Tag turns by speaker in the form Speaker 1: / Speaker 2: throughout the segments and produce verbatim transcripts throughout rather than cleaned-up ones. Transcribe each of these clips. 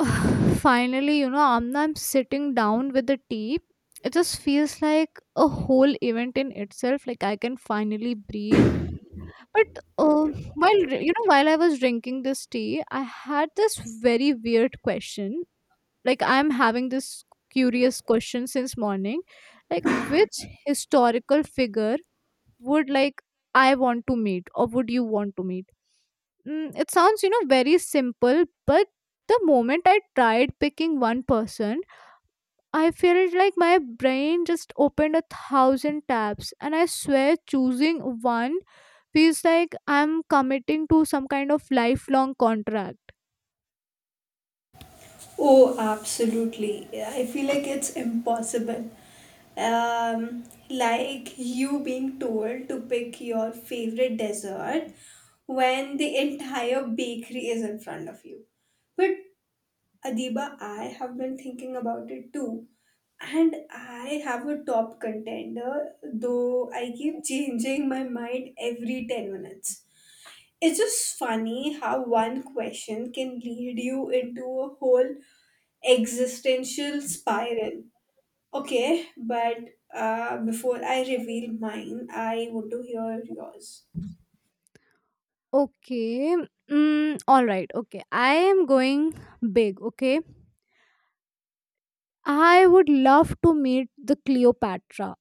Speaker 1: Finally, you know, Amna, I'm sitting down with the tea. It just feels like a whole event in itself. Like I can finally breathe. But um, while dr- you know, while I was drinking this tea, I had this very weird question. Like I'm having this curious question since morning. Like which historical figure would like I want to meet, or would you want to meet? Mm, it sounds, you know, very simple, but the moment I tried picking one person, I felt like my brain just opened a thousand tabs. And I swear, choosing one feels like I'm committing to some kind of lifelong contract.
Speaker 2: Oh, absolutely. I feel like it's impossible. Um, like you being told to pick your favorite dessert when the entire bakery is in front of you. But Adiba, I have been thinking about it too. And I have a top contender, though I keep changing my mind every ten minutes. It's just funny how one question can lead you into a whole existential spiral. Okay, but uh, before I reveal mine, I want to hear yours.
Speaker 1: Okay. Mm, all right. Okay. I am going big. Okay. I would love to meet the Cleopatra,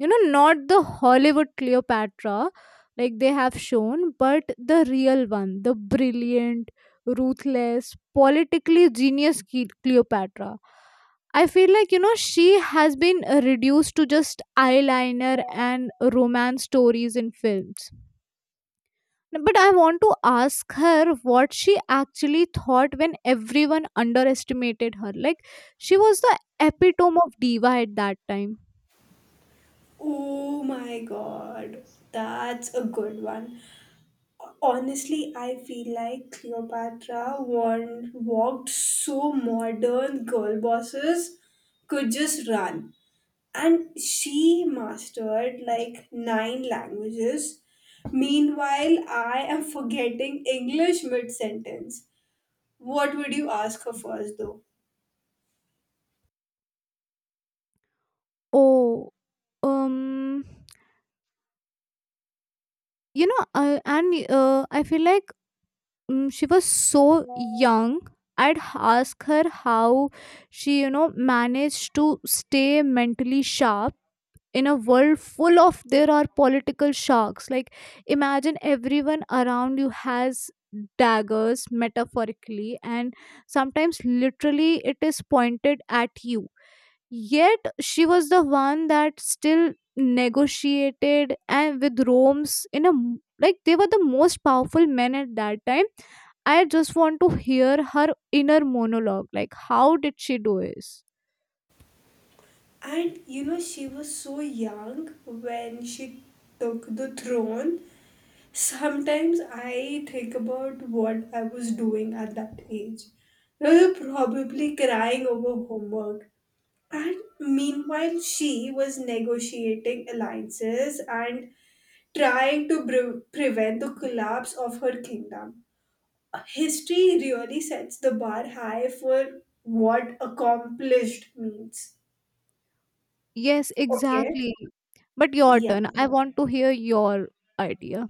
Speaker 1: you know, not the Hollywood Cleopatra like they have shown, but the real one, the brilliant, ruthless, politically genius Cle- Cleopatra. I feel like, you know, she has been uh, reduced to just eyeliner and romance stories in films. But I want to ask her what she actually thought when everyone underestimated her. Like she was the epitome of diva at that time.
Speaker 2: Oh my god, that's a good one. Honestly, I feel like Cleopatra warned, walked so modern girl bosses could just run. And she mastered like nine languages. Meanwhile, I am forgetting English mid sentence. What would you ask her first, though?
Speaker 1: Oh, um, you know, uh, and uh, I feel like um, she was so young. I'd ask her how she, you know, managed to stay mentally sharp in a world full of there are political sharks. Like, imagine everyone around you has daggers, metaphorically and sometimes literally, it is pointed at you. Yet she was the one that still negotiated and with Rome's, in a m- like they were the most powerful men at that time. I just want to hear her inner monologue. Like how did she do this?
Speaker 2: And you know, she was so young when she took the throne. Sometimes I think about what I was doing at that age. I was probably crying over homework. And meanwhile, she was negotiating alliances and trying to pre- prevent the collapse of her kingdom. History really sets the bar high for what accomplished means.
Speaker 1: Yes,
Speaker 2: Okay.
Speaker 1: exactly. But your
Speaker 2: Yeah.
Speaker 1: turn, I want to hear your idea.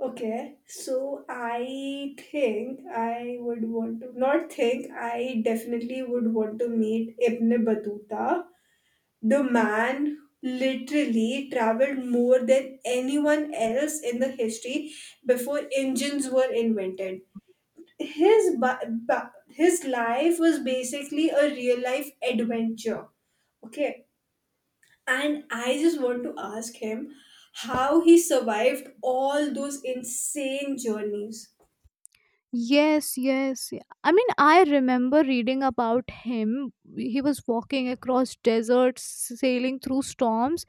Speaker 2: Okay. So I think I would want to, not think, I definitely would want to meet Ibn Battuta. The man literally traveled more than anyone else in the history before engines were invented. His, ba- ba- his life was basically a real life adventure. Okay. And I just want to ask him how he survived all those insane journeys.
Speaker 1: Yes, yes. I mean, I remember reading about him. He was walking across deserts, sailing through storms,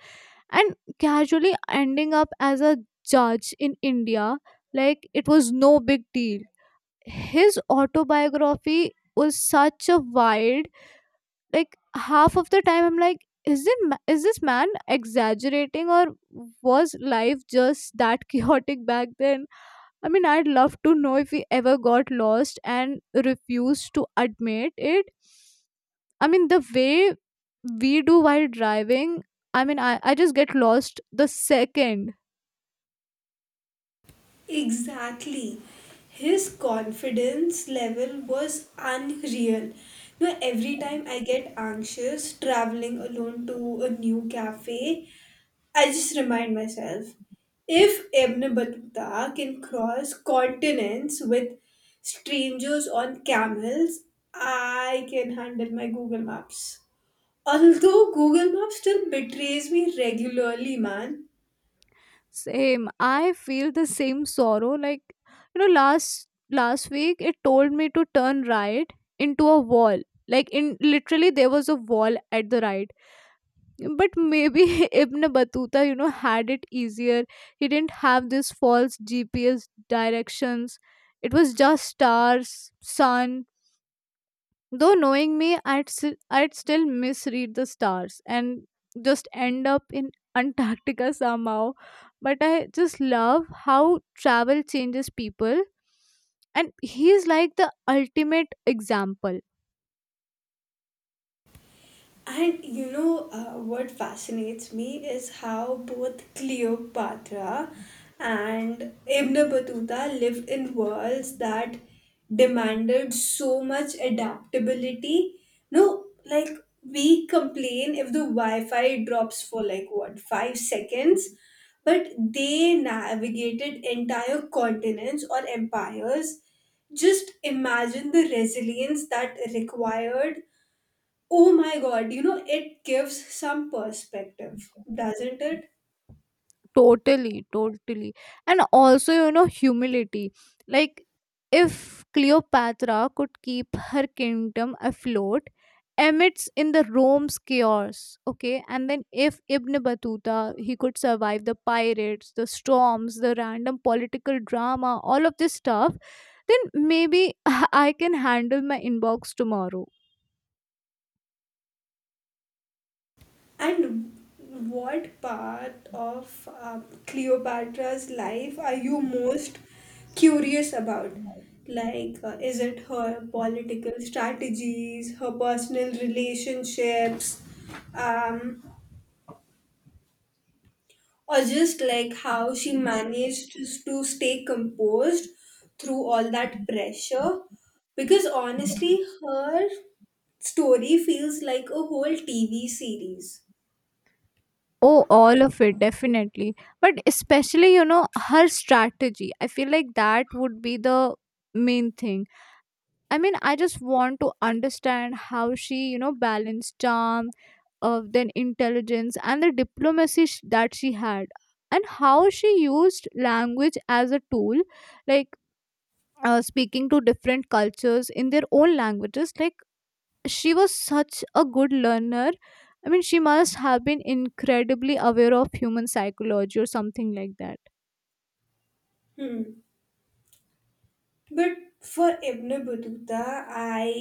Speaker 1: and casually ending up as a judge in India. Like, it was no big deal. His autobiography was such a wild, like, half of the time I'm like, is it ma- is this man exaggerating, or was life just that chaotic back then? I mean, I'd love to know if we ever got lost and refused to admit it. I mean, the way we do while driving, I mean, I, I just get lost the second.
Speaker 2: Exactly. His confidence level was unreal. Now, every time I get anxious traveling alone to a new cafe, I just remind myself if Ibn Battuta can cross continents with strangers on camels, I can handle my Google Maps. Although Google Maps still betrays me regularly, man.
Speaker 1: Same. I feel the same sorrow. Like, you know, last last week it told me to turn right into a wall. Like in literally there was a wall at the right. But maybe Ibn Battuta, you know, had it easier. He didn't have these false G P S directions. It was just stars, sun. Though knowing me, I'd, s- I'd still misread the stars and just end up in Antarctica somehow. But I just love how travel changes people. And he's like the ultimate example.
Speaker 2: And you know uh, what fascinates me is how both Cleopatra and Ibn Battuta lived in worlds that demanded so much adaptability. No, like we complain if the Wi Fi drops for like what, five seconds? But they navigated entire continents or empires. Just imagine the resilience that required. Oh my god, you know, it gives some perspective, doesn't it?
Speaker 1: Totally, totally. And also, you know, humility. Like, if Cleopatra could keep her kingdom afloat amidst in the Rome's chaos, okay, and then if Ibn Battuta he could survive the pirates, the storms, the random political drama, all of this stuff, then maybe I can handle my inbox tomorrow.
Speaker 2: And what part of um, Cleopatra's life are you most curious about? Like, uh, is it her political strategies, her personal relationships, um, or just like how she managed to, to stay composed through all that pressure, because honestly her story feels like a whole tv series.
Speaker 1: Oh, all of it, definitely. But especially, you know, her strategy. I feel like that would be the main thing. I mean, I just want to understand how she, you know, balanced charm, uh, then intelligence, and the diplomacy sh- that she had, and how she used language as a tool, like uh, speaking to different cultures in their own languages. Like, she was such a good learner. I mean, she must have been incredibly aware of human psychology or something like that.
Speaker 2: Hmm. But for Ibn Battuta, I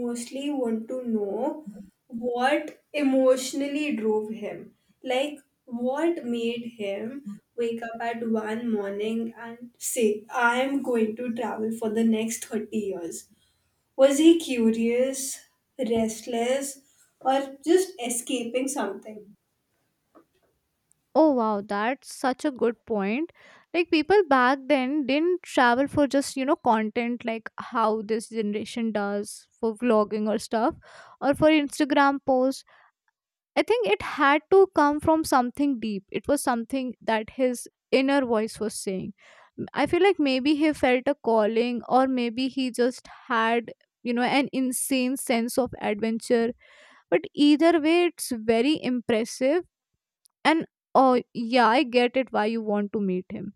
Speaker 2: mostly want to know what emotionally drove him. Like, what made him wake up at one morning and say, I am going to travel for the next thirty years. Was he curious, restless, or just escaping something?
Speaker 1: Oh, wow, that's such a good point. Like, people back then didn't travel for just, you know, content like how this generation does for vlogging or stuff, or for Instagram posts. I think it had to come from something deep. It was something that his inner voice was saying. M- I feel like maybe he felt a calling, or maybe he just had, you know, an insane sense of adventure. But either way, it's very impressive. And oh, yeah, I get it why you want to meet him.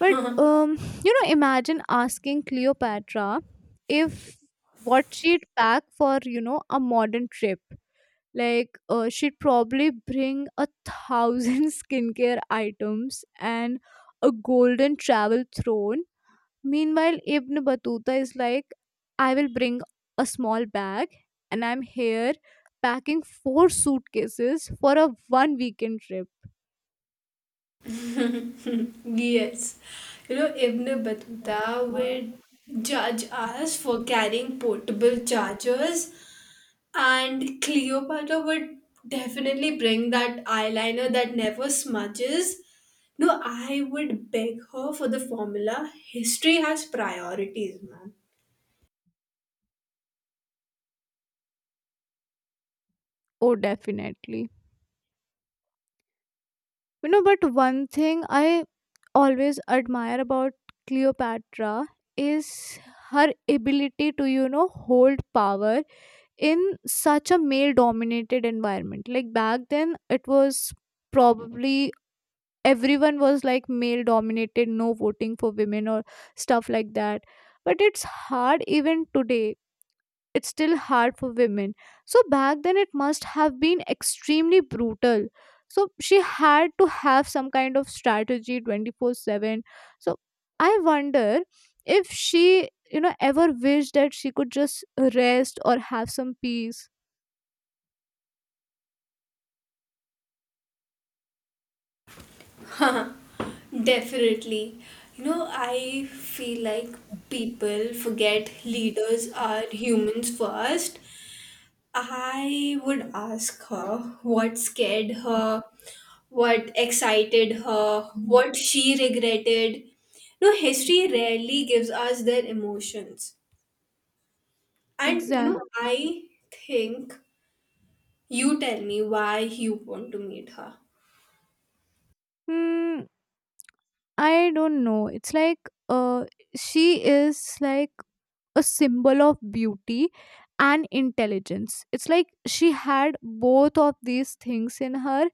Speaker 1: But, um, you know, imagine asking Cleopatra if what she'd pack for, you know, a modern trip. Like, uh, she'd probably bring a thousand skincare items and a golden travel throne. Meanwhile, Ibn Battuta is like, I will bring a small bag, and I'm here packing four suitcases for a one weekend trip.
Speaker 2: Yes. You know, Ibn Battuta would judge us for carrying portable chargers, and Cleopatra would definitely bring that eyeliner that never smudges. No, I would beg her for the formula. History has priorities, man.
Speaker 1: Oh, definitely. You know, but one thing I always admire about Cleopatra is her ability to, you know, hold power in such a male dominated environment. Like back then it was probably everyone was like male dominated, no voting for women or stuff like that. But it's hard even today, it's still hard for women. So back then it must have been extremely brutal. So she had to have some kind of strategy twenty-four seven. So I wonder if she, you know, ever wished that she could just rest or have some peace.
Speaker 2: Definitely. You know, I feel like people forget leaders are humans first. I would ask her what scared her, what excited her, what she regretted. No, history rarely gives us their emotions. And you
Speaker 1: Exactly.
Speaker 2: know, I think you tell me why you want to meet her.
Speaker 1: Hmm, I don't know. It's like uh, she is like a symbol of beauty and intelligence. It's like she had both of these things in her.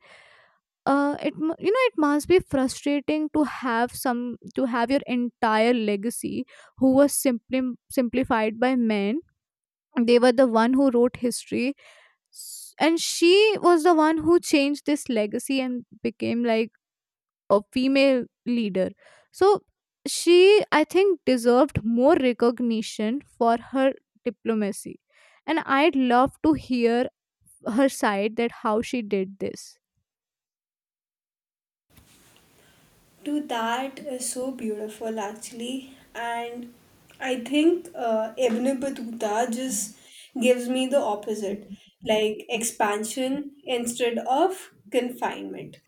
Speaker 1: Uh, it mu- you know, it must be frustrating to have some to have your entire legacy who was simply simplified by men. They were the one who wrote history, S- and she was the one who changed this legacy and became like a female leader. So she, I think, deserved more recognition for her diplomacy. And I'd love to hear her side, that how she did this.
Speaker 2: To that is so beautiful actually, and I think uh, Ebne Batuta just gives me the opposite, like expansion instead of confinement.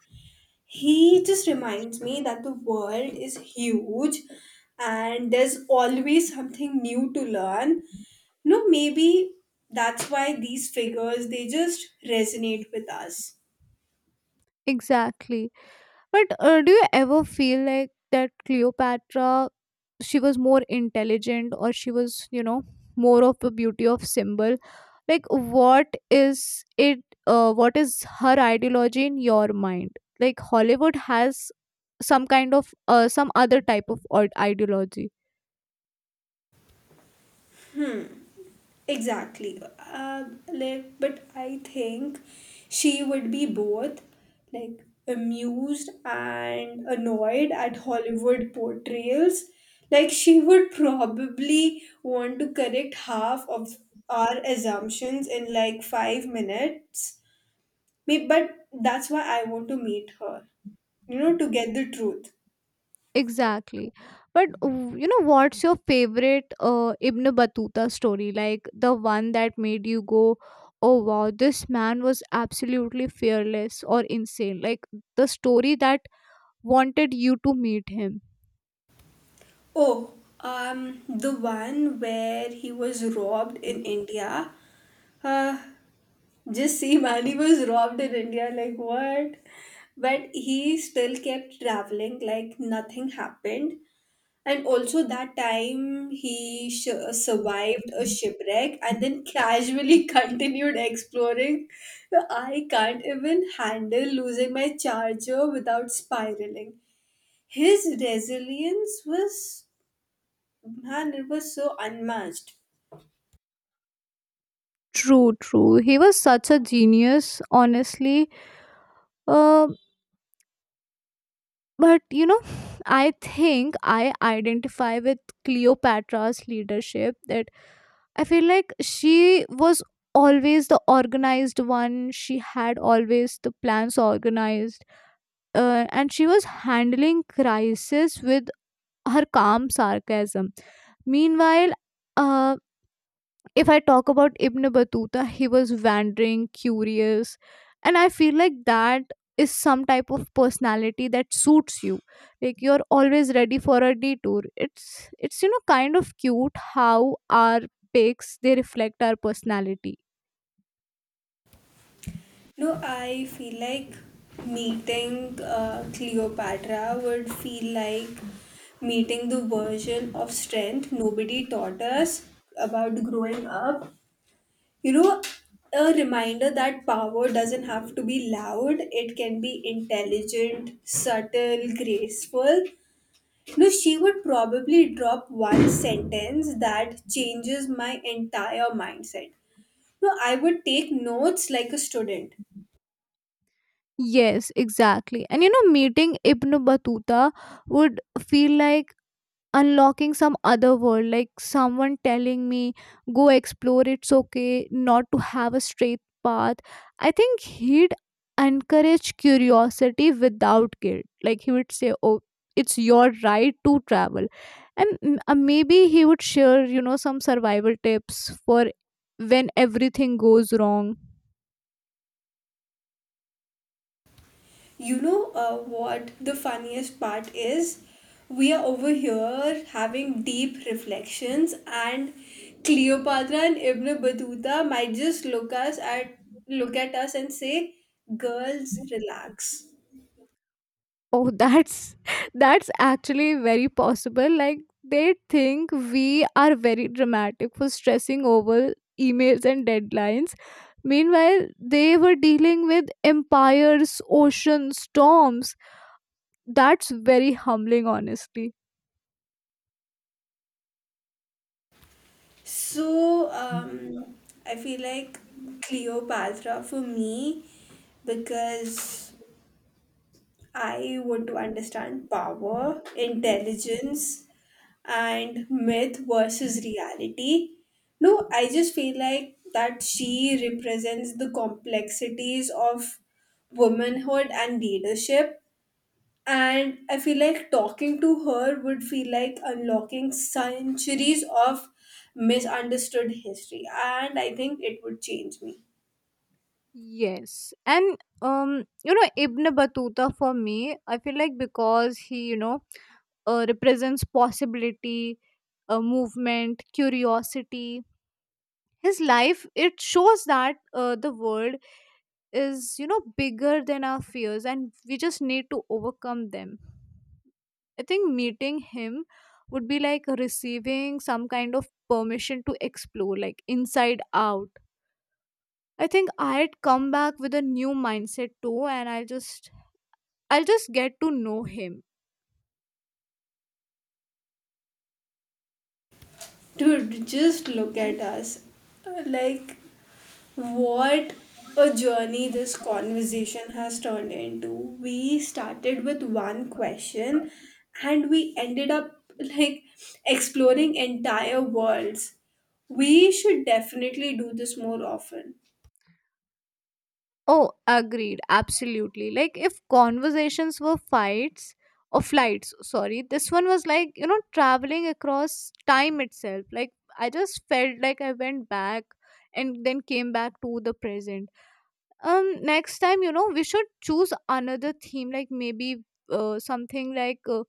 Speaker 2: He just reminds me that the world is huge and there's always something new to learn. No, maybe that's why these figures, they just resonate with us.
Speaker 1: Exactly. But uh, do you ever feel like that Cleopatra, she was more intelligent, or she was, you know, more of a beauty of symbol? Like, what is it? Uh, what is her ideology in your mind? Like, Hollywood has some kind of uh, some other type of od- ideology.
Speaker 2: Exactly. Uh, like, but I think she would be both like amused and annoyed at Hollywood portrayals. Like she would probably want to correct half of our assumptions in like five minutes. May- But that's why I want to meet her, you know, to get the truth.
Speaker 1: Exactly, but w- you know, what's your favorite uh, Ibn Battuta story? Like the one that made you go, oh wow, this man was absolutely fearless or insane. Like the story that wanted you to meet him.
Speaker 2: Oh, um, the one where he was robbed in India. Uh, Just see, man, he was robbed in India. Like, what? But he still kept traveling, like, nothing happened. And also, that time he sh- survived a shipwreck and then casually continued exploring. So, I can't even handle losing my charger without spiraling. His resilience was, man, it was so unmatched.
Speaker 1: True, true, he was such a genius, honestly. uh, but you know, I think I identify with Cleopatra's leadership. That I feel like she was always the organized one. She had always the plans organized, uh, and she was handling crisis with her calm sarcasm. Meanwhile, uh, if I talk about Ibn Battuta, he was wandering, curious, and I feel like that is some type of personality that suits you. Like you're always ready for a detour. It's it's you know kind of cute how our pics they reflect our personality.
Speaker 2: No, I feel like meeting uh, Cleopatra would feel like meeting the version of strength nobody taught us about growing up. You know, a reminder that power doesn't have to be loud, it can be intelligent, subtle, graceful. No, she would probably drop one sentence that changes my entire mindset. No, I would take notes like a student.
Speaker 1: Yes, exactly. And you know, meeting Ibn Battuta would feel like unlocking some other world, like someone telling me go explore, it's okay not to have a straight path. I think he'd encourage curiosity without guilt. Like he would say, oh, it's your right to travel. And m- uh, maybe he would share, you know, some survival tips for when everything goes wrong.
Speaker 2: You know, uh, what the funniest part is? We are over here having deep reflections, and Cleopatra and Ibn Battuta might just look us at look at us and say, "Girls, relax."
Speaker 1: Oh, that's that's actually very possible. Like they think we are very dramatic for stressing over emails and deadlines. Meanwhile, they were dealing with empires, oceans, storms. That's very humbling, honestly.
Speaker 2: So um, I feel like Cleopatra for me, because I want to understand power, intelligence, and myth versus reality. No, I just feel like that she represents the complexities of womanhood and leadership. And I feel like talking to her would feel like unlocking centuries of misunderstood history. And I think it would change me.
Speaker 1: Yes. And um, you know, Ibn Battuta for me, I feel like because he, you know, uh, represents possibility, uh, movement, curiosity, his life it shows that uh, the world is, you know, bigger than our fears, and we just need to overcome them. I think meeting him would be like receiving some kind of permission to explore, like inside out. I think I'd come back with a new mindset too, and i'll just i'll just get to know him.
Speaker 2: Dude, just look at us. Like, what a journey this conversation has turned into. We started with one question and we ended up like exploring entire worlds. We should definitely do this more often.
Speaker 1: Oh, agreed. Absolutely. Like if conversations were fights or flights, sorry, this one was like, you know, traveling across time itself. Like I just felt like I went back and then came back to the present. Um, next time, you know, we should choose another theme, like maybe uh, something like uh,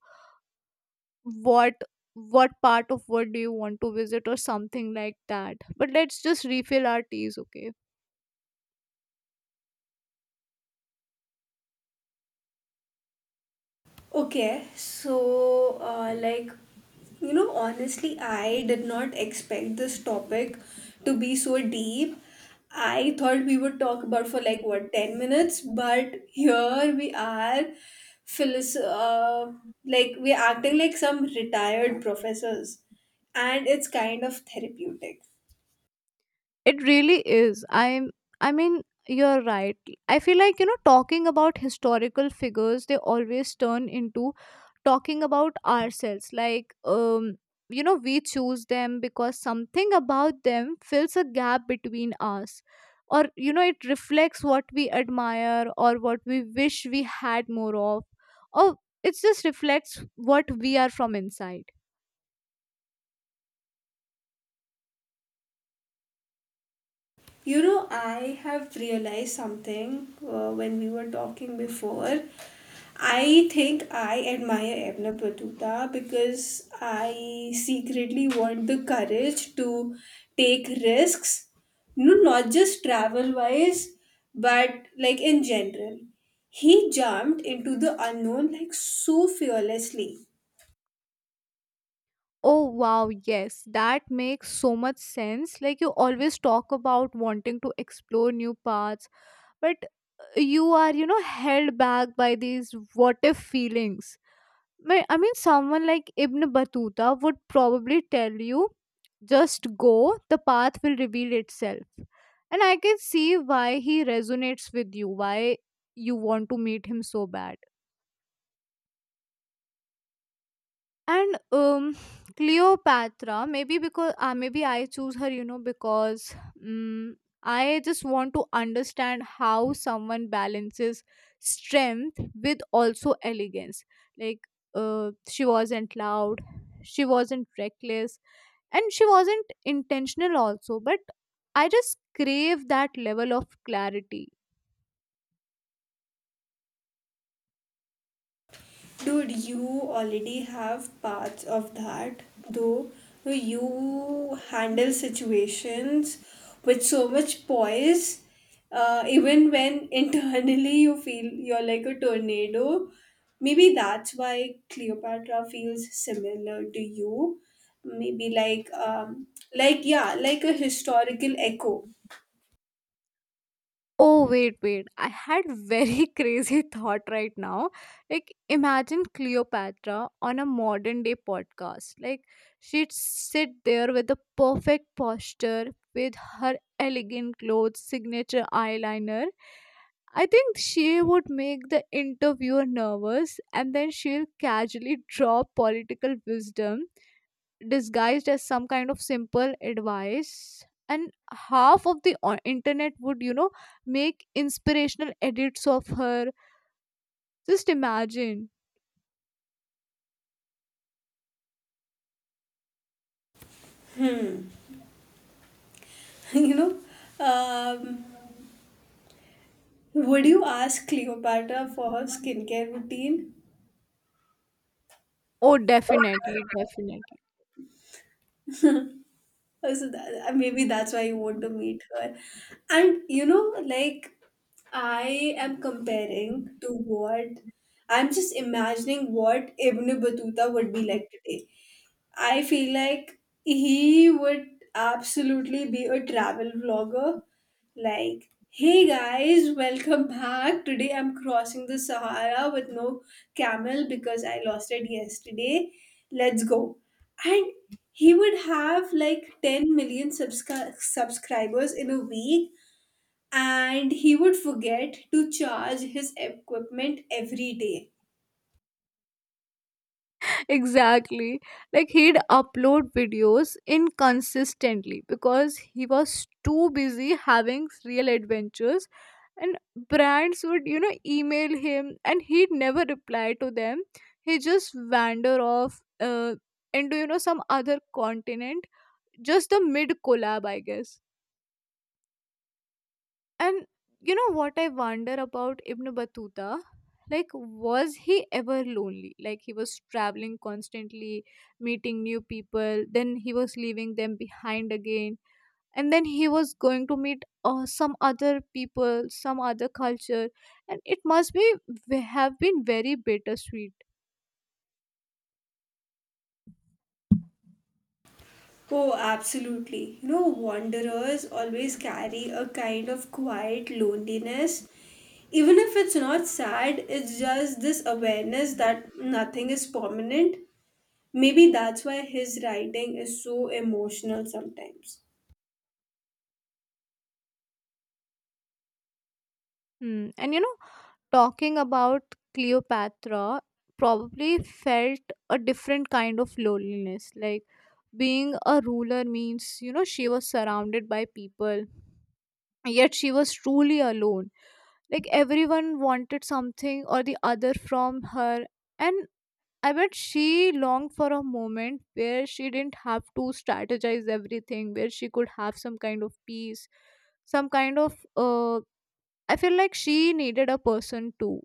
Speaker 1: what what part of what do you want to visit or something like that. But let's just refill our teas, okay?
Speaker 2: Okay, so uh, like you know, honestly, I did not expect this topic to be so deep. I thought we would talk about for like what, ten minutes, but here we are, philis- uh, like we're acting like some retired professors, and it's kind of therapeutic.
Speaker 1: It really is. I'm I mean, you're right. I feel like, you know, talking about historical figures, they always turn into talking about ourselves. Like, um, you know, we choose them because something about them fills a gap between us. Or, you know, it reflects what we admire or what we wish we had more of. Or it just reflects what we are from inside.
Speaker 2: You know, I have realized something uh, when we were talking before. I think I admire Edna Patuta because I secretly want the courage to take risks, no, not just travel wise, but like in general. He jumped into the unknown like so fearlessly.
Speaker 1: Oh wow, yes, that makes so much sense. Like you always talk about wanting to explore new paths, but you are, you know, held back by these what if feelings. Ma- I mean, someone like Ibn Battuta would probably tell you, just go, the path will reveal itself. And I can see why he resonates with you, why you want to meet him so bad. And um Cleopatra, maybe because uh, maybe I choose her, you know, because um, I just want to understand how someone balances strength with also elegance. Like, uh, she wasn't loud, she wasn't reckless, and she wasn't intentional also, but I just crave that level of clarity.
Speaker 2: Dude, you already have parts of that, though. You handle situations with so much poise, uh, even when internally you feel you're like a tornado. Maybe that's why Cleopatra feels similar to you. Maybe like, um, like yeah, like a historical echo.
Speaker 1: Oh, wait, wait. I had very crazy thought right now. Like, imagine Cleopatra on a modern day podcast. Like, she'd sit there with the perfect posture, with her elegant clothes, signature eyeliner. I think she would make the interviewer nervous, and then she'll casually drop political wisdom disguised as some kind of simple advice, and half of the o- internet would, you know, make inspirational edits of her. Just imagine.
Speaker 2: You know, um, would you ask Cleopatra for her skincare routine?
Speaker 1: Oh definitely, definitely.
Speaker 2: Uh, So that, uh, maybe that's why you want to meet her. And you know, like I am comparing to what I'm just imagining what Ibn Battuta would be like today. I feel like he would absolutely be a travel vlogger. Like, hey guys, welcome back. Today I'm crossing the Sahara with no camel because I lost it yesterday. Let's go. And he would have like ten million subscri- subscribers in a week, and he would forget to charge his equipment every day.
Speaker 1: Exactly. Like he'd upload videos inconsistently because he was too busy having real adventures, and brands would, you know, email him, and he'd never reply to them. He just wander off uh, into, you know, some other continent. Just the mid collab, I guess. And you know what I wonder about Ibn Battuta? Like, was he ever lonely? Like, he was traveling constantly, meeting new people, then he was leaving them behind again, and then he was going to meet uh, some other people, some other culture, and it must be have been very bittersweet.
Speaker 2: Oh, absolutely, you know, wanderers always carry a kind of quiet loneliness. Even if it's not sad, it's just this awareness that nothing is permanent. Maybe that's why his writing is so emotional sometimes.
Speaker 1: Hmm. And you know, talking about Cleopatra probably felt a different kind of loneliness. Like, being a ruler means, you know, she was surrounded by people, yet she was truly alone. Like everyone wanted something or the other from her, and I bet she longed for a moment where she didn't have to strategize everything, where she could have some kind of peace, some kind of. Uh, I feel like she needed a person too.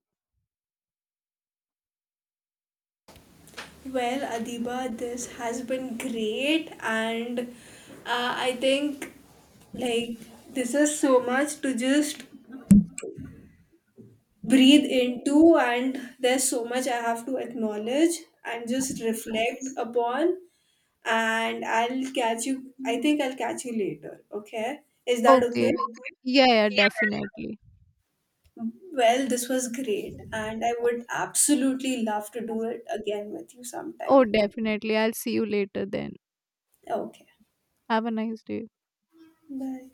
Speaker 2: Well, Adiba, this has been great, and uh, I think like this is so much to just breathe into, and there's so much I have to acknowledge and just reflect upon. And I'll catch you, I think I'll catch you later, okay? Is that okay?
Speaker 1: Okay. Yeah, yeah, definitely.
Speaker 2: Well, this was great, and I would absolutely love to do it again with you
Speaker 1: Oh,
Speaker 2: sometime.
Speaker 1: definitely. I'll see you later then.
Speaker 2: Okay,
Speaker 1: Have a nice day.
Speaker 2: bye.